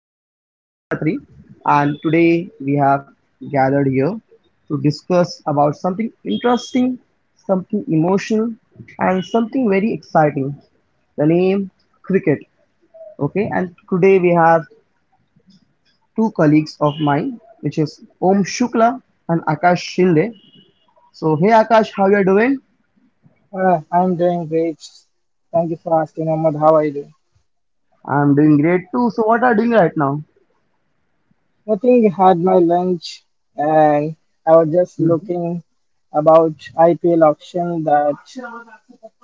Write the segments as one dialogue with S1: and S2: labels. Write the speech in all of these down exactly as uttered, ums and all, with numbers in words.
S1: Mohammad Sadiq Khatri, and today we have gathered here to discuss about something interesting, something emotional, and something very exciting. The name cricket. Okay, and today we have two colleagues of mine, which is Om Shukla and Akash Shinde. So, hey Akash, how you are doing?
S2: Uh, I'm doing great. Thank you for asking, Ahmad. How are you doing?
S1: I'm doing great too. So, what are you doing right now?
S2: Nothing. Had my lunch, and I was just
S1: Mhm.
S2: looking about I P L auction that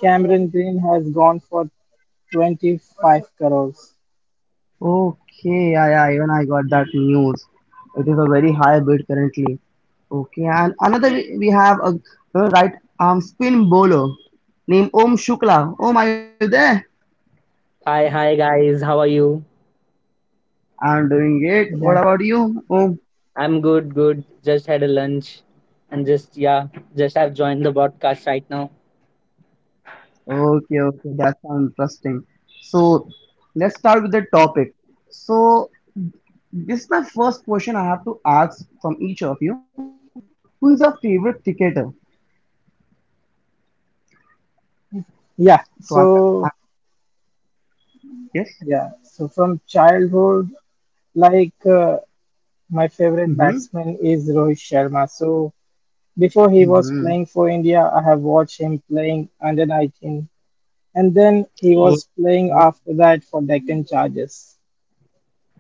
S2: Cameron Green has gone for twenty-five crores.
S1: Okay, yeah, yeah, even I got that news. It is a very high bid currently. Okay, and another we we have a a right arm spin bowler named Om Shukla. Om, are you there?
S3: Hi, hi guys, how are you?
S1: I'm doing great. What
S2: Yeah,
S1: about you, Om?
S3: I'm good, good. Just had a lunch and just, yeah, just have joined the broadcast right now.
S1: Okay, okay, that sounds interesting. So let's start with the topic. So this is my first question I have to ask from each of you. Who is your favorite cricketer?
S2: yeah.
S1: So I, I
S2: So
S1: yes.
S2: yeah, so from childhood, like uh, my favorite
S1: Mm-hmm.
S2: batsman is Rohit Sharma. So before he was
S1: Mm-hmm.
S2: playing for India, I have watched him playing under nineteen, and then he
S1: Okay.
S2: was playing after that for Deccan Chargers.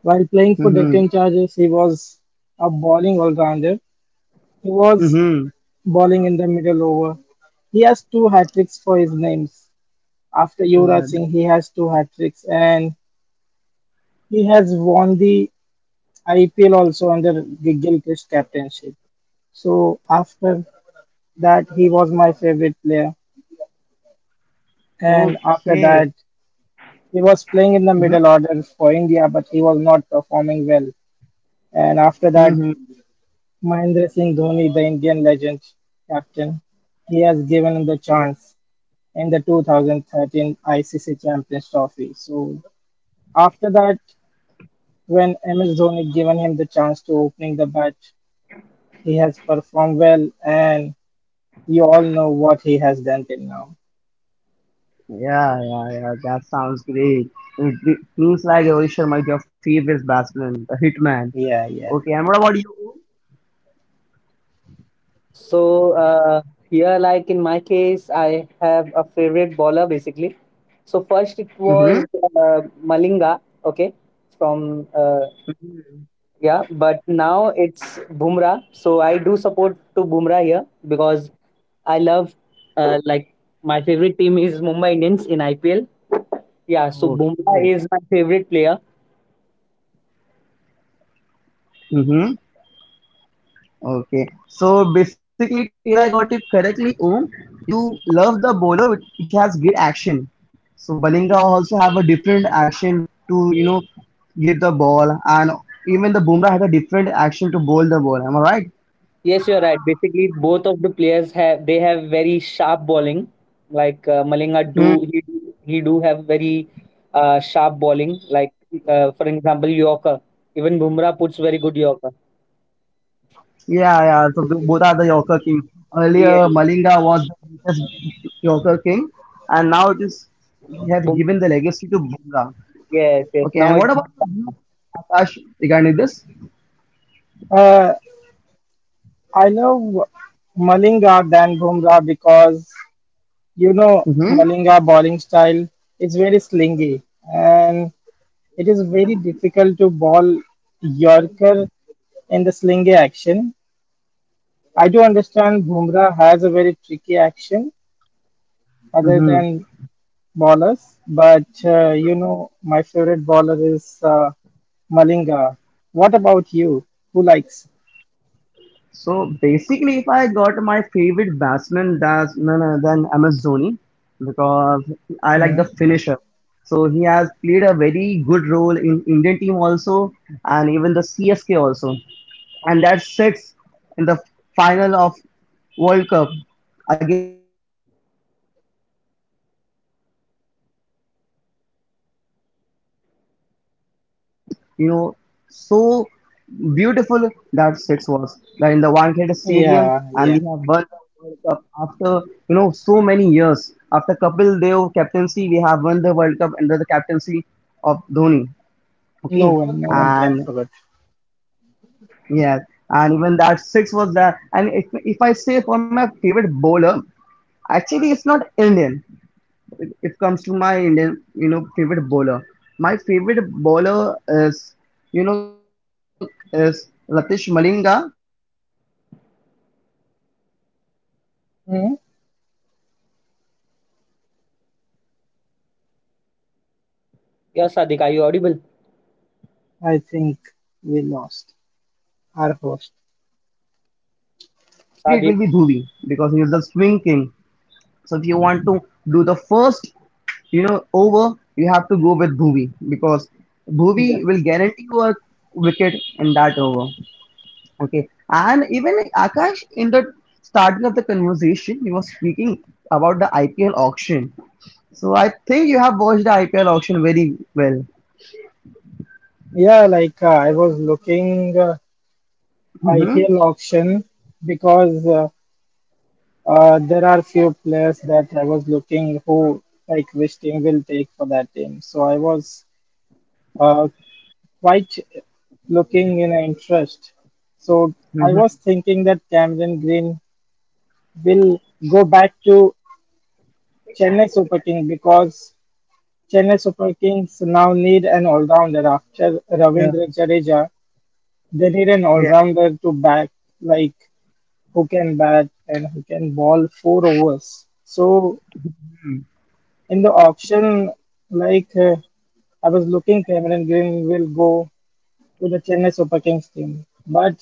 S2: While playing for
S1: Mm-hmm.
S2: Deccan Chargers, he was a bowling all-rounder. He was
S1: Mm-hmm.
S2: bowling in the middle over. He has two hat tricks for his names. After Yuvraj
S1: Yeah,
S2: Singh, he
S1: that-
S2: has two hat tricks, and he has won the I P L also under G- Gilchrist captainship. So after that, he was my favorite player, and after
S1: okay.
S2: that, he was playing in the
S1: Mm-hmm.
S2: middle order for India, but he was not performing well. And after that,
S1: Mm-hmm.
S2: Mahendra Singh Dhoni, the Indian legend captain, he has given the
S1: Yeah.
S2: chance in the twenty thirteen I C C Champions Trophy. So after that, when M S Dhoni given him the chance to opening the bat, he has performed well, and you all know what he has done till now.
S1: Yeah, yeah, yeah. That sounds great. It, it seems like Rohit Sharma is your favorite batsman, the hitman.
S2: Yeah, yeah.
S1: Okay, and what about you?
S3: So, uh, here, like in my case, I have a favorite bowler basically. So, first it
S1: Mm-hmm.
S3: was uh, Malinga, okay, from, uh, yeah, but now it's Bumrah. So, I do support to Bumrah here because I love, uh, like, my favorite team is Mumbai Indians in I P L. Yeah, so Bumrah
S1: Okay.
S3: is my favorite player.
S1: Mm-hmm. Okay, so basically, till I got it correctly, Om, you love the bowler which, which has great action. So Balinga also have a different action to, you know, give the ball, and even the Bumrah has a different action to bowl the ball. Am I right?
S3: Yes, you're right. Basically, both of the players have they have very sharp bowling. Like, uh, Malinga do
S1: Hmm.
S3: he he do have very, uh, sharp bowling. Like, uh, for example, Yorker. Even Bumrah puts very good Yorker.
S1: Yeah, yeah. So b- both are the Yorker King. Earlier,
S3: Yes,
S1: Malinga was the greatest Yorker King, and now it is he has
S3: Bum-
S1: given the legacy to Bumrah.
S3: yes, yes.
S1: Okay,
S3: Now
S1: and
S3: it's,
S1: what about your views, Akash, regarding this?
S2: Uh, I love Malinga than Bumrah because you know
S1: Mm-hmm.
S2: Malinga bowling style is very slingy and it is very difficult to bowl Yorker in the slingy action. I do understand Bumrah has a very tricky action other
S1: Mm-hmm.
S2: than bowlers, but uh, you know my favorite bowler is uh, Malinga. What about you? Who likes?
S1: So basically, if I got my favorite batsman, that's none other than M S Dhoni, because I like the
S2: Mm.
S1: finisher. So he has played a very good role in Indian team also, and even the C S K also, and that's six in the final of World Cup against Sri Lanka. That was the best ever moment in uh, Indian cricket history, where the Dhoni has, you know, so beautiful that six was that in the Wankhede Stadium,
S2: Yeah,
S1: and we
S2: yeah.
S1: have won the World Cup after, you know, so many years. After Kapil Dev captaincy, we have won the World Cup under the captaincy of Dhoni.
S2: No
S1: Okay,
S2: one, no one can
S1: and
S2: forget.
S1: yes, and even that six was there. And if if I say for my favorite bowler, actually it's not Indian. If it comes to my Indian, you know, favorite bowler, my favorite bowler is, you know, currently is Ratish Malinga. But if I go for spinner, then it will be Rahul
S2: Mm.
S1: Chen. Okay, the, the currently have C S K has you know by
S3: yeah,
S1: Rahul
S3: Sadiq.
S1: Chahar,
S3: Are you audible,
S1: okay, and in a
S2: I
S1: very good
S2: think
S1: amount.
S2: we
S1: And
S2: lost
S1: if, if I say
S2: our
S1: for
S2: host.
S1: Indian pace bowler, then definitely it will
S3: Sadiq?
S1: be Dhuvi because he is the swing king. So if you want to do the first, you know, over, you have to go with Dhuvi because
S2: Yeah,
S1: Dhuvi will guarantee you a wicket in that over. Okay, and even Akash in the starting of the conversation, he was speaking about the I P L auction, so I think you have watched the I P L auction very well.
S2: yeah. Like uh, I was looking uh,
S1: Mm-hmm.
S2: I P L auction because uh, Uh, there are few players that I was looking who like which team will take for that team. So I was uh, quite looking in interest. So I was
S1: Mm-hmm.
S2: thinking that Cameron Green will go back to Chennai Super King because Chennai Super Kings now need an all-rounder after
S1: Yeah.
S2: Ravindra Jadeja. They need an
S1: Yeah.
S2: all-rounder to back like who can bat and who can ball four overs. So in the auction, like uh, I was looking, Cameron Green will go to the Chennai Super Kings team. But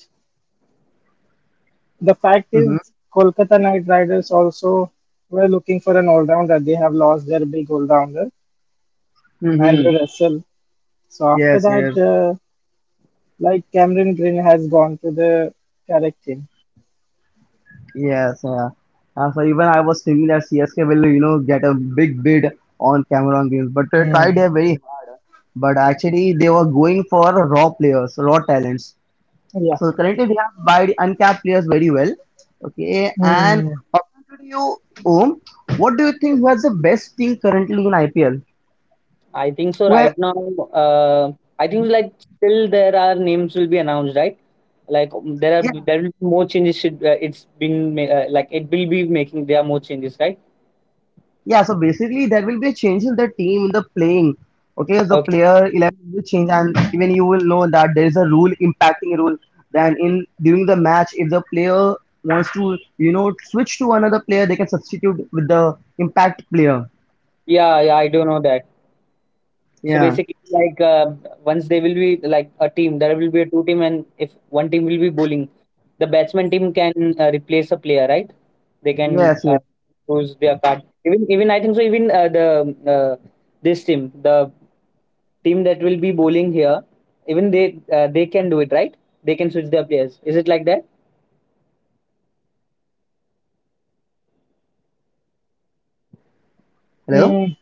S2: the fact
S1: Mm-hmm.
S2: is, Kolkata Knight Riders also were looking for an all rounder. They have lost their big all rounder,
S1: Mm-hmm.
S2: Andrew Russell. So after
S1: Yes. Yes.
S2: that, uh, like Cameron Green has gone to the correct team.
S1: Yes. Yeah. Uh, so even I was thinking that C S K will, you know, get a big bid on Cameron Games, but they
S2: Hmm.
S1: tried their very hard. But actually, they were going for raw players, raw talents.
S2: Yeah.
S1: So currently, they have buy uncapped players very well. Okay, and
S2: Hmm.
S1: according to you, Om, what do you think was the best team currently in I P L?
S3: I think so.
S1: Where?
S3: Right now, uh, I think so, like still there are names will be announced, right? Like, um, there are there will be more changes. Should, uh, it's been ma- uh, like it will be making, there are more changes, right?
S1: Yeah, so basically there will be a change in the team in the playing. Okay, the
S3: Okay.
S1: player eleven will change, and even you will know that there is a rule impacting rule. Then in during the match, if the player wants to, you know, switch to another player, they can substitute with the impact player.
S3: Yeah, yeah, I do know that. So
S1: Yeah,
S3: basically, like, uh, once they will be like a team, there will be a two team, and if one team will be bowling, the batsman team can uh, replace a player, right? They can
S1: yes,
S3: uh,
S1: yeah.
S3: choose their card. Even even I think so. Even, uh, the uh, this team, the team
S1: Bowling
S3: that
S1: team
S3: will be
S1: also can do
S3: bowling
S1: that.
S3: here, even they uh, they can do it, right?
S1: Hmm.
S3: They can switch their players. Is it like that?
S1: Hello.
S2: Hmm.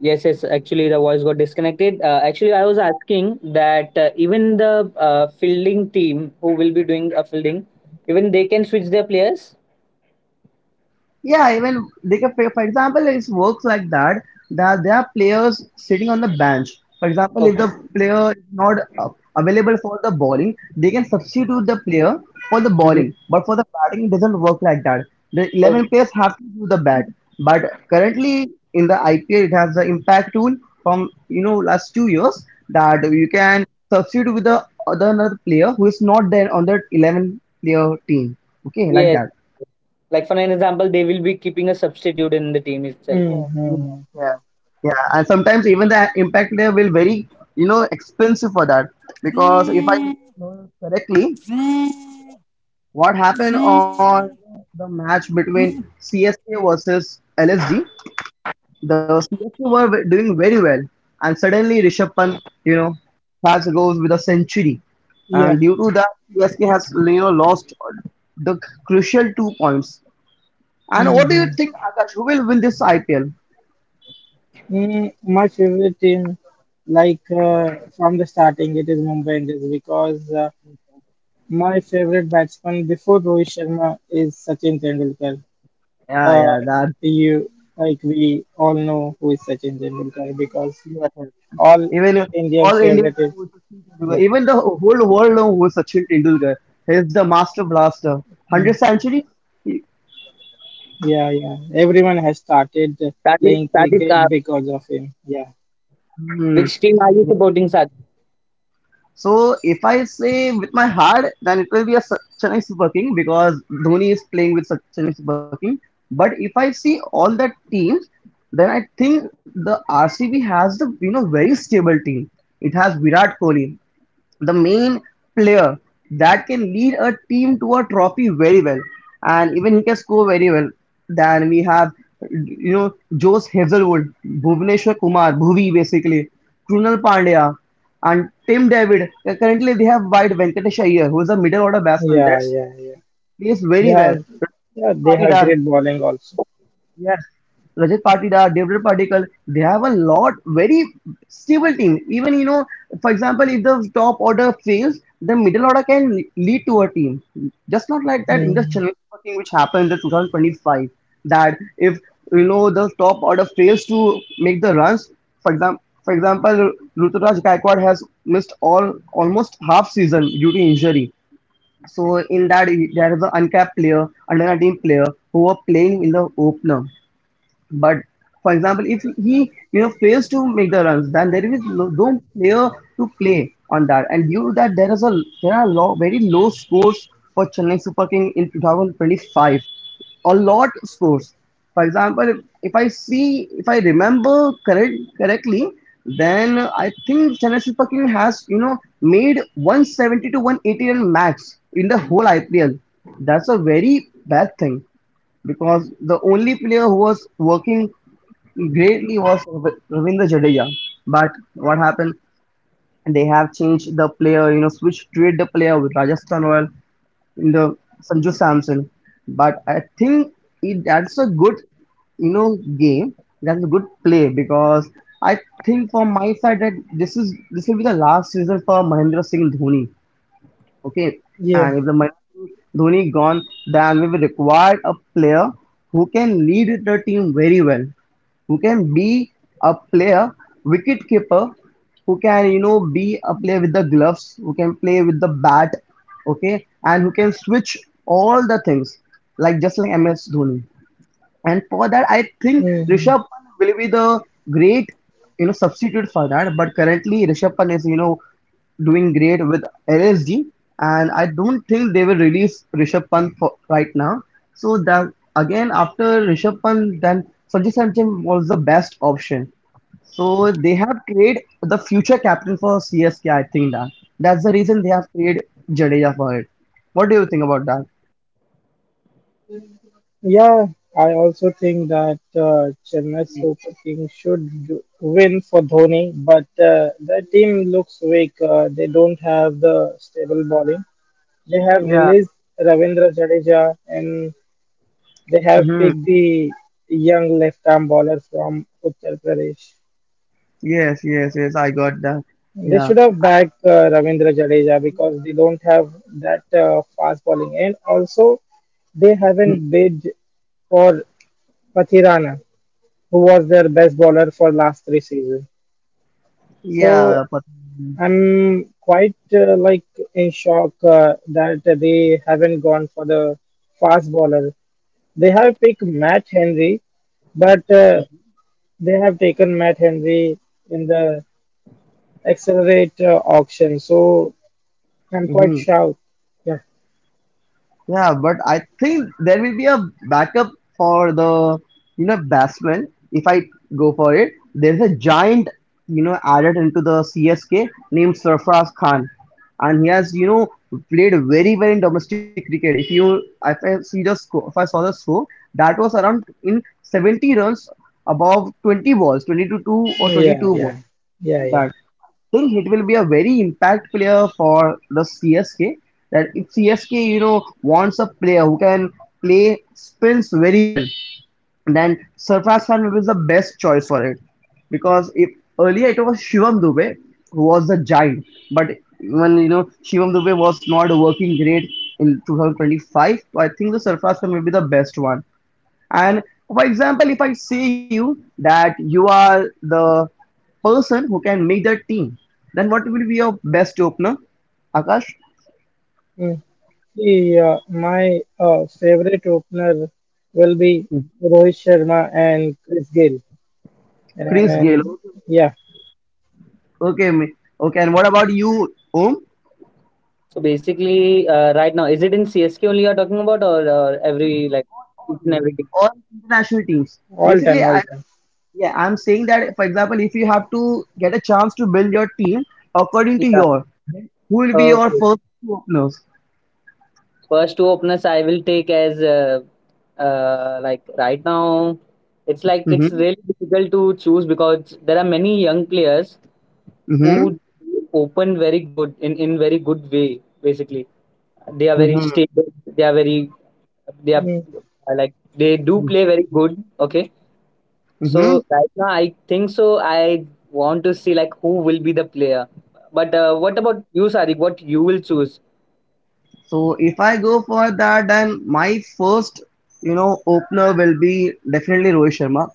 S3: Yes, yes. Actually, the voice got disconnected. Uh, actually, I was asking that, uh, even the, uh, fielding team who will be doing a fielding, even they can switch their players.
S1: Yeah, even they can, for example, it works like that that there are players sitting on the bench. For example, if the
S3: Okay.
S1: player is not uh, available for the bowling, they can substitute the player for the bowling.
S3: Hmm.
S1: But for the batting, it doesn't work like that. The
S3: Okay.
S1: eleven players have to do the bat. But currently in the I P L, it has the impact tool from, you know, last two years, that you can substitute with the other another player who is not there on that eleven player team. Okay, like
S3: Yes.
S1: that.
S3: Like for an example, they will be keeping a substitute in the team itself.
S2: Hmm.
S1: Yeah, yeah,
S2: Hmm.
S1: yeah,
S2: Hmm.
S1: yeah. And sometimes even the impact layer will very, you know, expensive for that because if I know correctly, what happened on the match between C S K versus L S G, the C S K were ve- doing very well, and suddenly Rishabh Pant, you know, has goes with a century,
S2: Yeah.
S1: and due to that, C S K has you know lost the crucial two points. And
S2: Hmm.
S1: what do you
S2: Hmm.
S1: think, Akash? Who will win this I P L?
S2: Mm, my favorite team, like uh, from the starting, it is Mumbai Indians because uh, my favorite batsman before Rohit Sharma is Sachin Tendulkar.
S1: Yeah,
S2: Uh,
S1: yeah,
S2: you like we all know who is Sachin Tendulkar because
S1: that.
S2: all
S1: Even if all
S2: Indians'
S1: Indians
S2: favorite is
S1: know who Sachin Tendulkar.
S2: yeah,
S1: Even the whole world know who Sachin Tendulkar. He's the master blaster. Hundred
S2: mm,
S1: centuries. He-
S2: yeah, yeah. Everyone has started
S3: Sadik,
S2: playing
S3: Sadik, uh,
S2: cricket because of him. Yeah,
S1: Hmm.
S3: which team are you
S1: Yeah.
S3: supporting, Sadik?
S1: So if I say with my heart, then it will be a Sa- Chennai Super King because Dhoni is playing with Sa- Chennai Super King. But if I see all the teams, then I think the R C B has the, you know, very stable team. It has Virat Kohli, the main player that can lead a team to a trophy very well, and even he can score very well. Then we have, you know, Jose Hazelwood, Bhuvneshwar Kumar, Bhuvi basically, Krunal Pandya, and Tim David. Currently, they have wide Venkatesh Iyer, who is a middle order batsman
S2: yeah,
S1: that's
S2: yeah, yeah.
S1: plays
S2: They
S1: very well.
S2: have
S1: Pradeep
S2: yeah, they
S1: Patidar,
S2: have great bowling also.
S1: yes, Rajat Patidar, Devdutt Patikal, they have a lot very stable team. Even you know, for example, if the top order fails, the middle order can le- lead to a team. Just not like that
S2: Mm.
S1: industrial thing which happened in two thousand twenty-five. That if you know the top order fails to make the runs, for example, for example, Ruturaj Gaikwad has missed all almost half season due to injury. So in that there is an uncapped player, under nineteen player who are playing in the opener. But for example, if he you know fails to make the runs, then there is no, no player to play on that. And due to that, there is a there are low, very low scores for Chennai Super King in twenty twenty-five. A lot scores. For example, if I see if I remember correct correctly, then I think Chennai Super King has you know made one hundred seventy to one hundred eighty run max in the whole I P L. That's a very bad thing because the only player who was working greatly was Rav- Ravindra Jadeja. But what happened? They have changed the player, you know, switched trade the player with Rajasthan Royal in the Sanju Samson. But I think it, that's a good, you know, game. That's a good play because I think from my side that this is this will be the last season for Mahendra Singh Dhoni. Okay,
S2: Yeah.
S1: and if the Mahendra Dhoni gone, then we will require a player who can lead the team very well, who can be a player wicket keeper, who can you know be a player with the gloves, who can play with the bat, okay, and who can switch all the things like just like M S Dhoni. And for that, I think
S2: Mhm.
S1: Rishabh Pant will be the great, you know, substitute for that. But currently, Rishabh Pant is, you know, doing great with L S D, and I don't think they will release Rishabh Pant for right now. So that again, after Rishabh Pant, then Sanjay Samson was the best option. So they have created the future captain for C S K. I think that that's the reason they have created Jadeja for it. What do you think about that?
S2: Yeah, I also think that uh, Chennai Super Kings should do- win for Dhoni, but uh, the team looks weak. Uh, they don't have the stable bowling. They have
S1: Yeah.
S2: released Ravindra Jadeja, and they have
S1: Mhm.
S2: picked the young left-arm bowler from Uttar Pradesh.
S1: Yes, yes, yes, I got that.
S2: They
S1: Yeah.
S2: should have backed uh, Ravindra Jadeja because they don't have that uh, fast bowling, and also they
S1: Mm,
S2: haven't bid for Mathirana, who was their best bowler for last three seasons. So
S1: yeah, but
S2: I'm quite uh, like in shock uh, that they haven't gone for the fast bowler. They have picked Matt Henry, but uh, they have taken Matt Henry in the accelerate uh, auction. So I'm quite
S1: hmm.
S2: shocked. Yeah,
S1: Yeah, but I think there will be a backup for the, you know, batsman if I go for it. There's a giant, you know, added into the C S K named Sarfraz Khan, and he has, you know, played very well in domestic cricket. If you, if I see the score, if I saw the score, that was around in seventy runs above twenty balls, twenty to two or
S2: yeah,
S1: twenty-two balls,
S2: yeah, yeah,
S1: like
S2: yeah.
S1: that. Think it will be a very impact player for the C S K. That if C S K, you know, wants a player who can play spins very well, then Sarfraz Khan will be the best choice for it. Because if earlier it was Shivam Dubey who was the giant, but when you know Shivam Dubey was not working great in two thousand twenty-five, so I think the Sarfraz Khan will be the best one. And for example, if I say you that you are the person who can make the team, then what will be your best opener? Akash,
S2: Hmm. Yeah, my uh, favorite opener will be Rohit Sharma and Chris Gayle,
S1: Chris Gale.
S2: and yeah,
S1: Okay, ma- okay. And what about you, Om?
S3: So basically, uh, right now, is it in C S K only you're talking about, or uh, every like, each and every team?
S1: All international teams.
S2: all
S1: Basically,
S2: time, all
S1: I
S2: time.
S1: yeah, I'm saying that, for example, if you have to get a chance to build your team according to
S3: Yeah.
S1: your, who will be your
S3: Okay.
S1: first two openers?
S3: First two openers I will take as uh, uh, like right now, it's like it's
S1: Mm-hmm.
S3: really difficult to choose because there are many young players
S1: Mm-hmm.
S3: who open very good in in very good way. Basically, they are very
S1: Mm-hmm.
S3: stable. They are very they are
S2: Mm,
S3: uh, like They do play very good. Okay.
S1: Mm-hmm.
S3: So right now, I think so. I want to see like who will be the player. But, uh, what about you, Sadiq? What you will choose?
S1: So if I go for that, then my first, you know, opener will be definitely Rohit Sharma,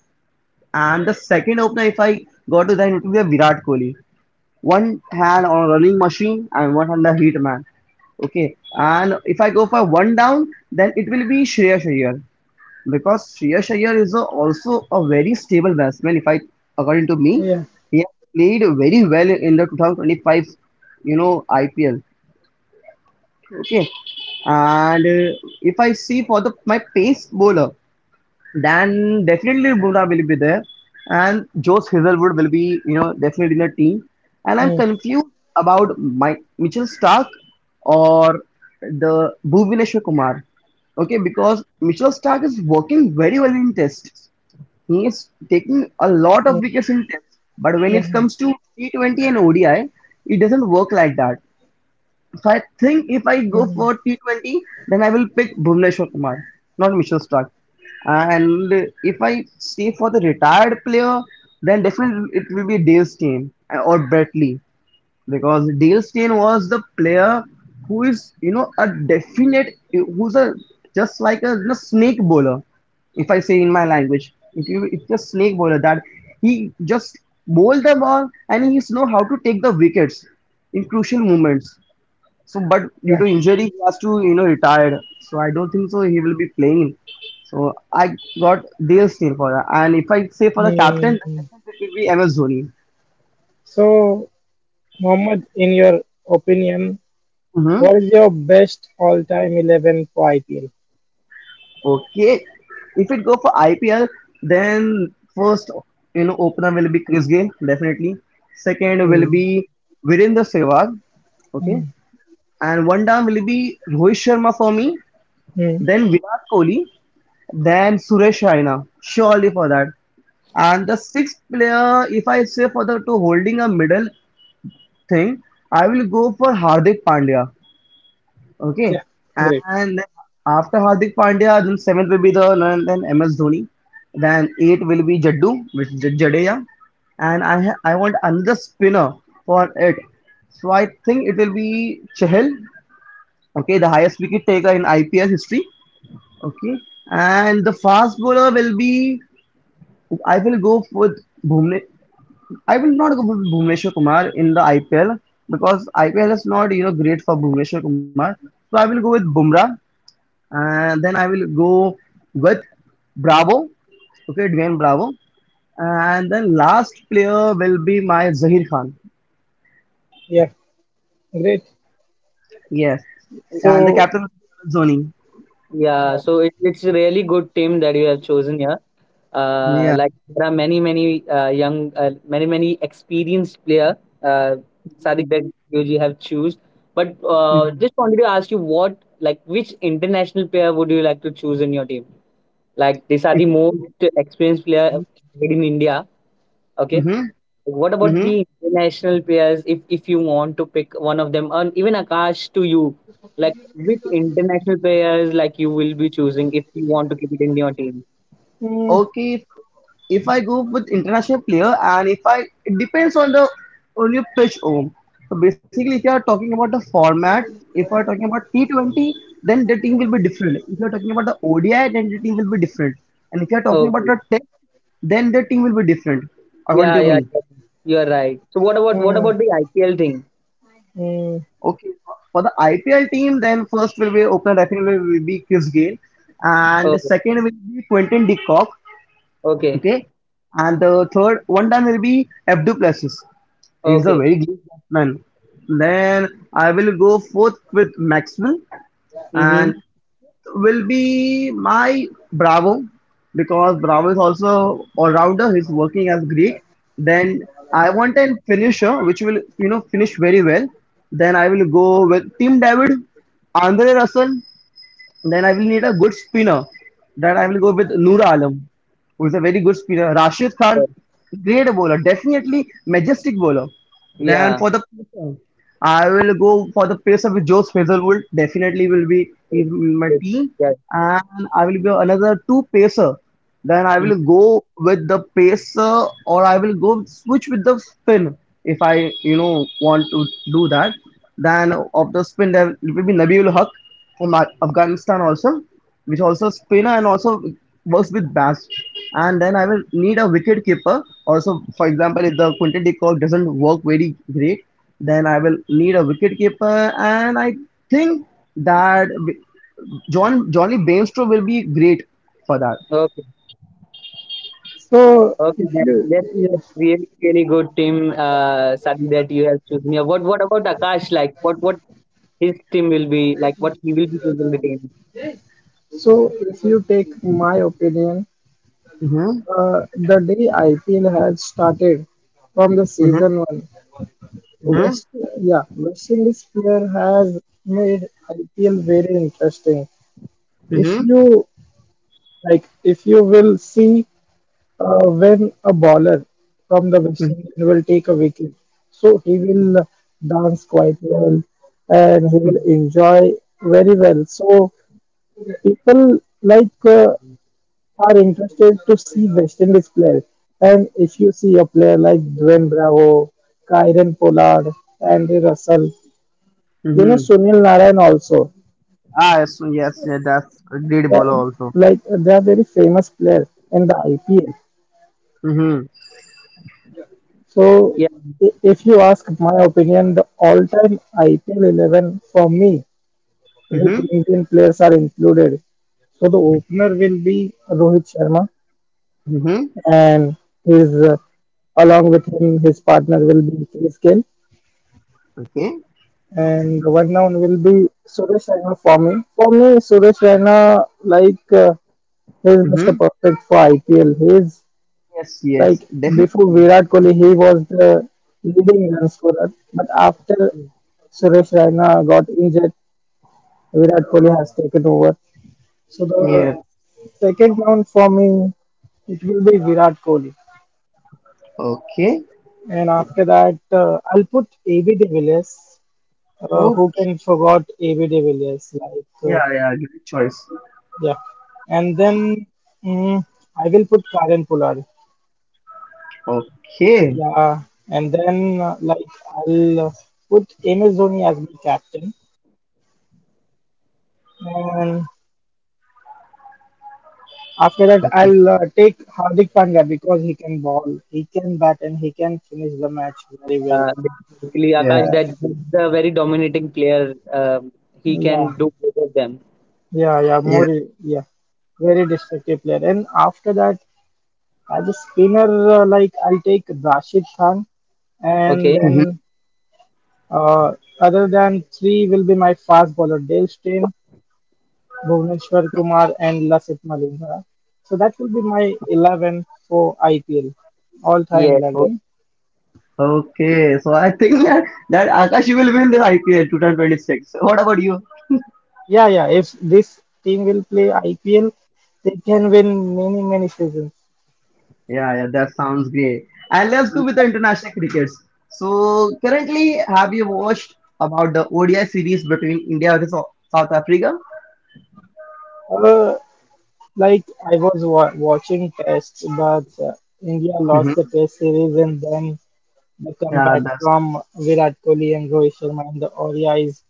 S1: and the second opener, if I go to, then it will be a Virat Kohli. One hand on a running machine and one hand a heat man. Okay, and if I go for one down, then it will be Shreyas Iyer because Shreyas Iyer is a, also a very stable batsman. If I, According to me,
S2: yeah,
S1: he has played very well in the twenty twenty-five, you know, I P L. Okay. And uh, if I see for the my pace bowler, then definitely Bumrah will be there, and Josh Hazelwood will be you know definitely in the team. And I'm
S2: mm,
S1: confused about my Mitchell Stark or the Bhuvaneshwar Kumar. Okay, because Mitchell Stark is working very well in tests. He is taking a lot of
S2: mm,
S1: wickets in tests, but when it
S2: yeah,
S1: comes to T twenty and O D I, it doesn't work like that. So I think if I go
S2: mm,
S1: for T twenty, then I will pick Bhuvneshwar Kumar, not Mitchell Stark. And if I stay for the retired player, then definitely it will be Dale Steyn or Brett Lee, because Dale Steyn was the player who is you know a definite who's a just like a, you know, snake bowler, if I say in my language. It, will- it's a snake bowler that he just bowl the ball, and he knows how to take the wickets in crucial moments. So, but due
S2: yeah.
S1: to injury, he has to, you know, retired. So I don't think so he will be playing. So I got Dale Steyn for that. And if I say for the captain,
S2: Mm.
S1: then definitely it will be M S Dhoni.
S2: So, Mohammed, in your opinion,
S1: Mm-hmm.
S2: what is your best all-time eleven for I P L?
S1: Okay. If it go for I P L, then first, you know, opener will be Chris Gayle, definitely. Second will
S2: Mm,
S1: be Virendra Sehwag. Okay.
S2: mm,
S1: And one down will be Rohit Sharma for me.
S2: mm.
S1: Then Virat Kohli. Then Suresh Raina. Surely for that. And the sixth player, if I say for the to holding a middle thing, I will go for Hardik Pandya. Okay,
S2: Yeah, great.
S1: and then after Hardik Pandya, then seventh will be the then M S Dhoni, then eight will be Jaddu, which is Jadeja, and I ha- I want another spinner for it. So I think it will be Chahal. Okay, the highest wicket taker in I P L history. Okay, and the fast bowler will be I will go with Bhumne, I will not go with Bhuvneshwar Kumar in the I P L, because I P L is not you know great for Bhuvneshwar Kumar. So I will go with Bumrah, and then I will go with Bravo. Okay, Dwayne Bravo. And then last player will be my Zahir Khan.
S2: Yeah, great.
S1: Yes. And the
S2: So,
S1: captain will be Zoni.
S3: Yeah, so it, it's a really good team that you have chosen here. Uh,
S1: Yeah.
S3: like there are many, many, uh, young, uh, many, many experienced player, uh, Sadiq that you have choose. But, uh,
S1: Mm-hmm.
S3: just wanted to ask you, what like, which international player would you like to choose in your team? Like these are the most experienced player
S1: Mm-hmm.
S3: made in India. Okay.
S1: Mm-hmm.
S3: Like, What about
S1: Mm-hmm.
S3: the international players? If if you want to pick one of them, and even Akash to you, like which international players like you will be choosing if you want to keep it in your team?
S2: mm,
S1: Okay. If I go with international player, and if I it depends on the on your pitch home. So basically, if you are talking about the format, if you are talking about T twenty, then the team will be different. If you are talking about the O D I, then the team will be different. And if you are talking about
S3: Okay.
S1: the test, then the team will be different, according
S3: Yeah,
S1: to me.
S3: yeah, yeah. You are right. So what about what
S2: mm,
S3: about the I P L thing?
S2: mm,
S1: Okay. For the I P L team, then first will be opener, definitely will be Chris Gayle, and the
S3: Oh,
S1: second will be Quentin de Kock.
S3: okay,
S1: Okay, and the third one done will be Abdu Plessis. He's a
S3: okay.
S1: very good batsman. Then I will go fourth with Maxwell, and
S3: Mm-hmm.
S1: will be my Bravo, because Bravo is also all rounder. He's working as Greek. Then I want a finisher which will you know finish very well. Then I will go with Team David, Andre Russell, then I will need a good spinner. Then I will go with Noor Alam, who is a very good spinner. Rashid
S3: Yeah.
S1: Khan, great bowler, definitely majestic bowler. Then
S3: Yeah.
S1: for the pacer, I will go for the pacer with Joe Hazelwood. Definitely will be in my team,
S3: Yeah.
S1: and I will go another two pacer. Then I
S3: Mhm.
S1: will go with the pacer, or I will go switch with the spin if I you know want to do that. Then of the spin, there will be Nabil Haq from Afghanistan also, which also spinner and also works with bats. And then I will need a wicket keeper. Also, for example, if the Quinton de Kock doesn't work very great, then I will need a wicket keeper. And I think that John Johnny Bairstow will be great for that.
S3: Okay.
S2: so
S3: Okay.
S2: if
S3: Then
S2: you
S3: that's,
S2: yeah,
S3: that's really really good team. Uh, Sadi, that you have chosen. Yeah. What what about Akash? Like, what what his team will be, like what he will be choosing the team.
S2: so if you take my opinion,
S1: Mm-hmm.
S2: uh, the day I P L had started from the
S1: Mm-hmm.
S2: season one,
S1: Mm-hmm.
S2: West yeah West Indies player has made I P L very interesting. If
S1: Mm-hmm.
S2: you like, if you will see uh, when a bowler from the West Indies will take a wicket, so he will dance quite well and he will
S1: Mm-hmm.
S2: enjoy very well. So people like uh, are interested to see West Indies player. And if you see a player like Dwayne Bravo, Kyron Pollard, Andy Russell, you know
S1: Mm-hmm.
S2: Sunil Narayan also,
S1: Ah, yes, yes, yeah, that's a great
S2: uh,
S1: bowler also.
S2: like they are very famous players in the I P L.
S1: Mm-hmm.
S2: So
S3: Yeah,
S2: i- if you ask my opinion, the all-time I P L eleven for me with
S1: Mm-hmm.
S2: Indian players are included. So the opener will be Rohit Sharma,
S1: Mm-hmm.
S2: and his uh, along with him, his partner will be Chris Gayle.
S1: Okay.
S2: And one noun will be Suresh Raina for me. For me, Suresh Raina, like, uh, he's Mister
S1: Mm-hmm.
S2: Perfect for I P L. He is
S1: Yes, yes,
S2: like, before
S1: definitely.
S2: Virat Kohli, he was the leading run scorer. But after Suresh Raina got injured, Virat Kohli has taken over. So the
S1: Yeah.
S2: second round for me, it will be Virat Kohli.
S1: Okay.
S2: And after that, uh, I'll put A B de Villiers. Uh,
S1: Oh,
S2: who can forgot A B de Villiers? Like
S1: yeah,
S2: uh,
S1: yeah. Great choice.
S2: Yeah. And then mm, I will put Karan Polar.
S1: Okay.
S2: Yeah. And then uh, like I'll uh, put Ms Dhoni as my captain. And after that,
S1: Okay.
S2: I'll uh, take Hardik Pandya because he can ball, he can bat, and he can finish the match very well.
S3: uh, basically Akash
S2: Uh,
S1: Yes.
S3: that's the very dominating player. Um, he can
S2: yeah,
S3: do both of them.
S2: yeah, yeah, more,
S1: Yeah.
S2: yeah, Very destructive player. And after that, as a spinner, uh, like I'll take Rashid Khan, and
S3: Okay.
S1: Mm-hmm.
S2: then Uh, other than three will be my fast bowler Dale Steyn, Bhuvneshwar Kumar, and Lasith Malinga. So that will be my eleven for I P L, all time
S3: Yes, yes.
S2: eleven.
S1: Okay. So I think that, that Akash will win the I P L two thousand twenty-six. What about you?
S2: Yeah, yeah. If this team will play I P L, they can win many, many seasons.
S1: Yeah, yeah. That sounds great. And let's go
S3: He-
S1: with the international crickets. So currently, have you watched about the O D I series between India versus South Africa?
S2: Uh, like I was wa- watching tests, but uh, India lost the
S1: Mm-hmm.
S2: test series, and then the
S1: Yeah.
S2: comeback
S1: That's
S2: from Virat Kohli and Rohit Sharma in the O D Is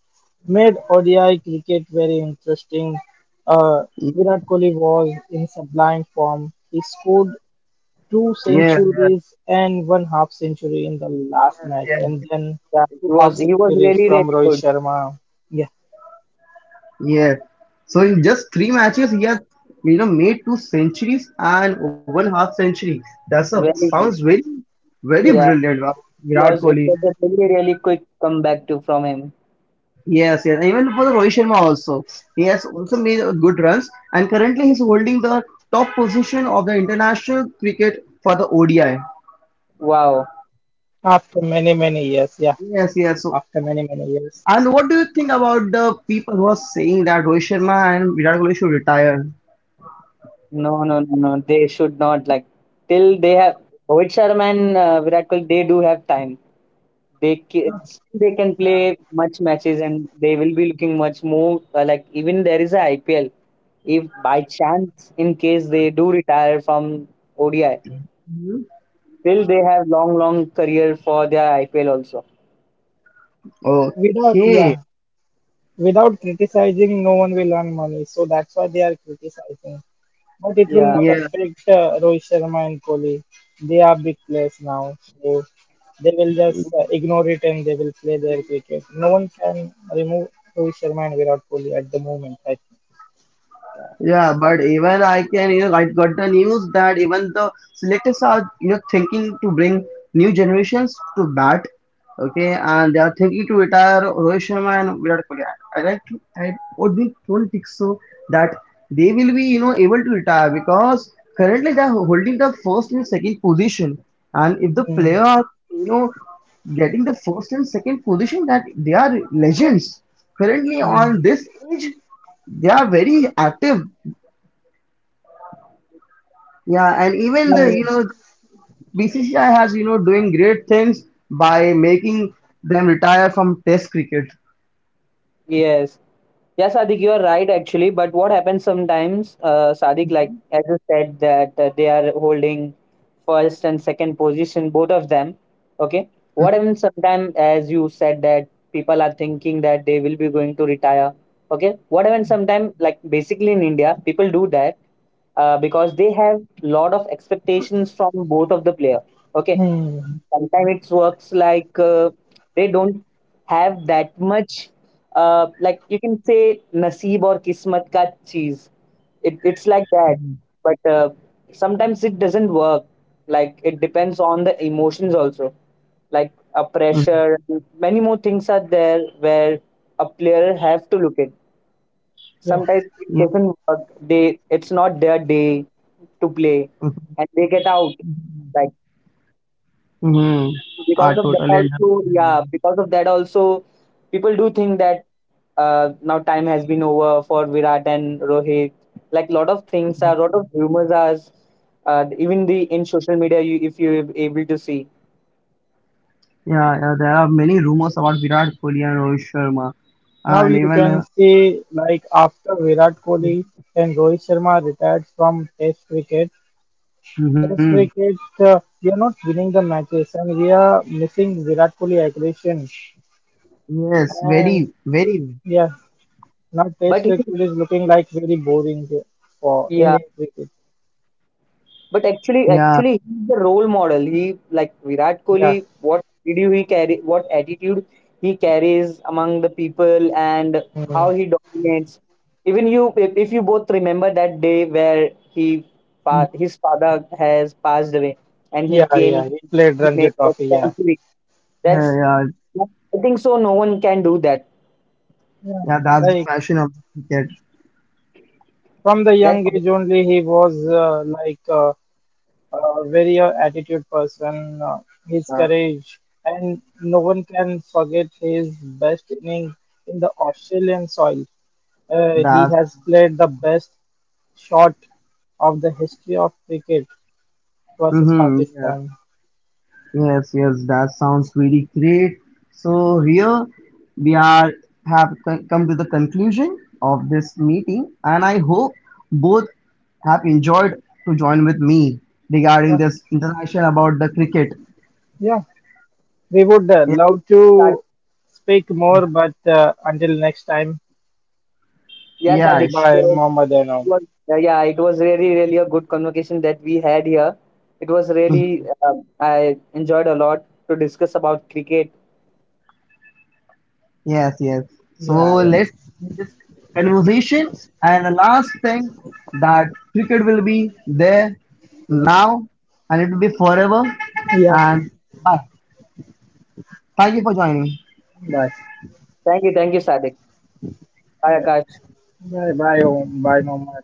S2: made O D I cricket very interesting. Uh, Virat Kohli was in sublime form. He scored two
S1: yeah.
S2: centuries and one half century in the last match,
S1: Yeah.
S2: and then
S3: Yeah, he
S2: two
S3: was
S2: half
S3: he was
S2: centuries
S3: really
S2: from
S3: really
S2: Rohit
S3: good.
S2: Sharma. Yeah,
S1: Yeah. So in just three matches, he has you know made two centuries and one half century. That's a
S3: Very
S2: yes,
S1: sounds
S3: good.
S1: very very
S2: yeah.
S3: Yeah.
S1: brilliant. uh,
S3: It
S1: Virat
S3: was it
S1: Kohli.
S3: was a really really quick comeback to from him.
S1: Yes, yes. Even for the Rohit Sharma also, he has also made uh, good runs. And currently, he's holding the top position of the international cricket for the O D I.
S3: Wow.
S2: After many, many years, yeah.
S1: Yes,
S2: After many,
S1: yes. So,
S2: many years.
S1: and what do you think about the people who are saying that Rohit Sharma and Virat Kohli should retire?
S3: No, no, no, no. They should not, like till they have Rohit Sharma and, uh, Virat Kohli. They do have time. they can,
S2: Yeah,
S3: they can play much matches and they will be looking much more, uh, like even there is a I P L, if by chance in case they do retire from O D I,
S1: Hmm?
S3: still they have long, long career for their I P L also,
S2: without,
S1: Okay.
S2: yeah, without criticizing, no one will earn money. So that's why they are criticizing, but it will
S3: yeah.
S2: not
S1: Yeah.
S2: affect uh, Rohit Sharma and Kohli. They are big players now, so they will just uh, ignore it and they will play their cricket. No one can remove Rohit Sharma and Virat Kohli at the moment. I think.
S1: Yeah, but even I can, you know, I got the news that even the selectors are, you know, thinking to bring new generations to bat. Okay, and they are thinking to retire Rohit Sharma and Virat Kohli. I, I like to, I would be, don't think so that they will be, you know, able to retire, because currently they are holding the first and second position, and if the
S2: Hmm.
S1: player are, you know, getting the first and second position, that they are legends currently
S2: Hmm.
S1: on this age. They are very active, yeah, and even
S2: Yeah,
S1: the you
S2: yeah.
S1: know B C C I has you know doing great things by making them retire from Test cricket.
S3: Yes. Yeah, Sadik, you are right actually. But what happens sometimes, uh, Sadik, like as you said, that, uh, they are holding first and second position, both of them. Okay. What happens sometimes, as you said, that people are thinking that they will be going to retire. Okay. What happens sometimes, like basically in India, people do that, uh, because they have lot of expectations from both of the player. Okay.
S2: Hmm.
S3: Sometimes it works like, uh, they don't have that much, uh, like you can say naseeb or kismat ka cheese. It, it's like that, but, uh, sometimes it doesn't work, like it depends on the emotions also, like a
S1: Mm-hmm.
S3: pressure. Many more things are there where a player have to look at.
S2: Yeah.
S3: Sometimes it
S1: Yeah.
S3: doesn't work, they it's not their day to play, and they get out, like,
S1: Mm-hmm. I
S3: because of that
S1: totally
S3: also.
S1: understand.
S3: Yeah, because of that also, people do think that, uh, now time has been over for virat and rohit, like lot of things are, lot of rumors are, uh, even the in social media you, if you're able to see.
S1: Yeah, yeah, there are many rumors about Virat Kohli and Rohit Sharma,
S2: Now
S1: and
S2: you
S1: even uh,
S2: can see, like after Virat Kohli and Rohit Sharma retired from Test cricket,
S1: mm-hmm.
S2: Test cricket uh, we are not winning the matches and we are missing Virat Kohli aggression
S1: Yes, very,
S2: and
S1: very.
S2: yeah, now
S3: but
S2: Test
S3: he,
S2: cricket is looking like very boring for
S3: yeah.
S2: Indian cricket.
S3: But actually,
S1: Yeah,
S3: actually, he's the role model. He like Virat
S2: Yeah,
S3: Kohli. What attitude he carry? What attitude he carries among the people, and
S2: mm,
S3: how he dominates. Even you, if, if you both remember that day where he, fa- his father has passed away, and he
S2: yeah,
S3: came,
S2: yeah. He played
S3: he
S2: Ranji
S3: made that
S2: Trophy. Yeah,
S3: century.
S1: yeah,
S3: That's,
S1: yeah,
S3: I think so, no one can do that.
S2: yeah.
S1: yeah. That's the
S2: Like
S1: passion of the cricket.
S2: from the young
S3: That's.
S2: age only, he was uh, like uh, a very uh, attitude person. Uh, his
S3: Uh,
S2: courage, and no one can forget his best inning in the Australian soil. Uh, he
S1: That's
S2: has played the best shot of the history of cricket versus
S1: mm-hmm. Yeah.
S2: Pakistan.
S1: Yes, yes, that sounds really great. So here we are have co- come to the conclusion of this meeting, and I hope both have enjoyed to join with me regarding
S2: Yeah,
S1: this interaction about the cricket.
S2: yeah. We would uh, love to speak
S1: Yeah,
S2: more, but uh, until next time,
S3: yeah,
S1: yeah,
S3: Sadiq.
S1: sure.
S2: goodbye, Mohammed Anom.
S3: Was uh, Yeah, it was really really a good conversation that we had here. It was really
S1: Mhm.
S3: uh, I enjoyed a lot to discuss about cricket.
S1: Yes, yes. So
S2: Yeah, yeah,
S1: let's end this conversation. And the last thing that cricket will be there now, and it will be forever.
S2: yeah.
S1: And bye. Thank you for joining.
S2: Bye,
S3: Thank you, thank you, Sadik. Bye,
S2: bye,
S3: Akash.
S2: bye, bye, Om. Bye, Mohammed.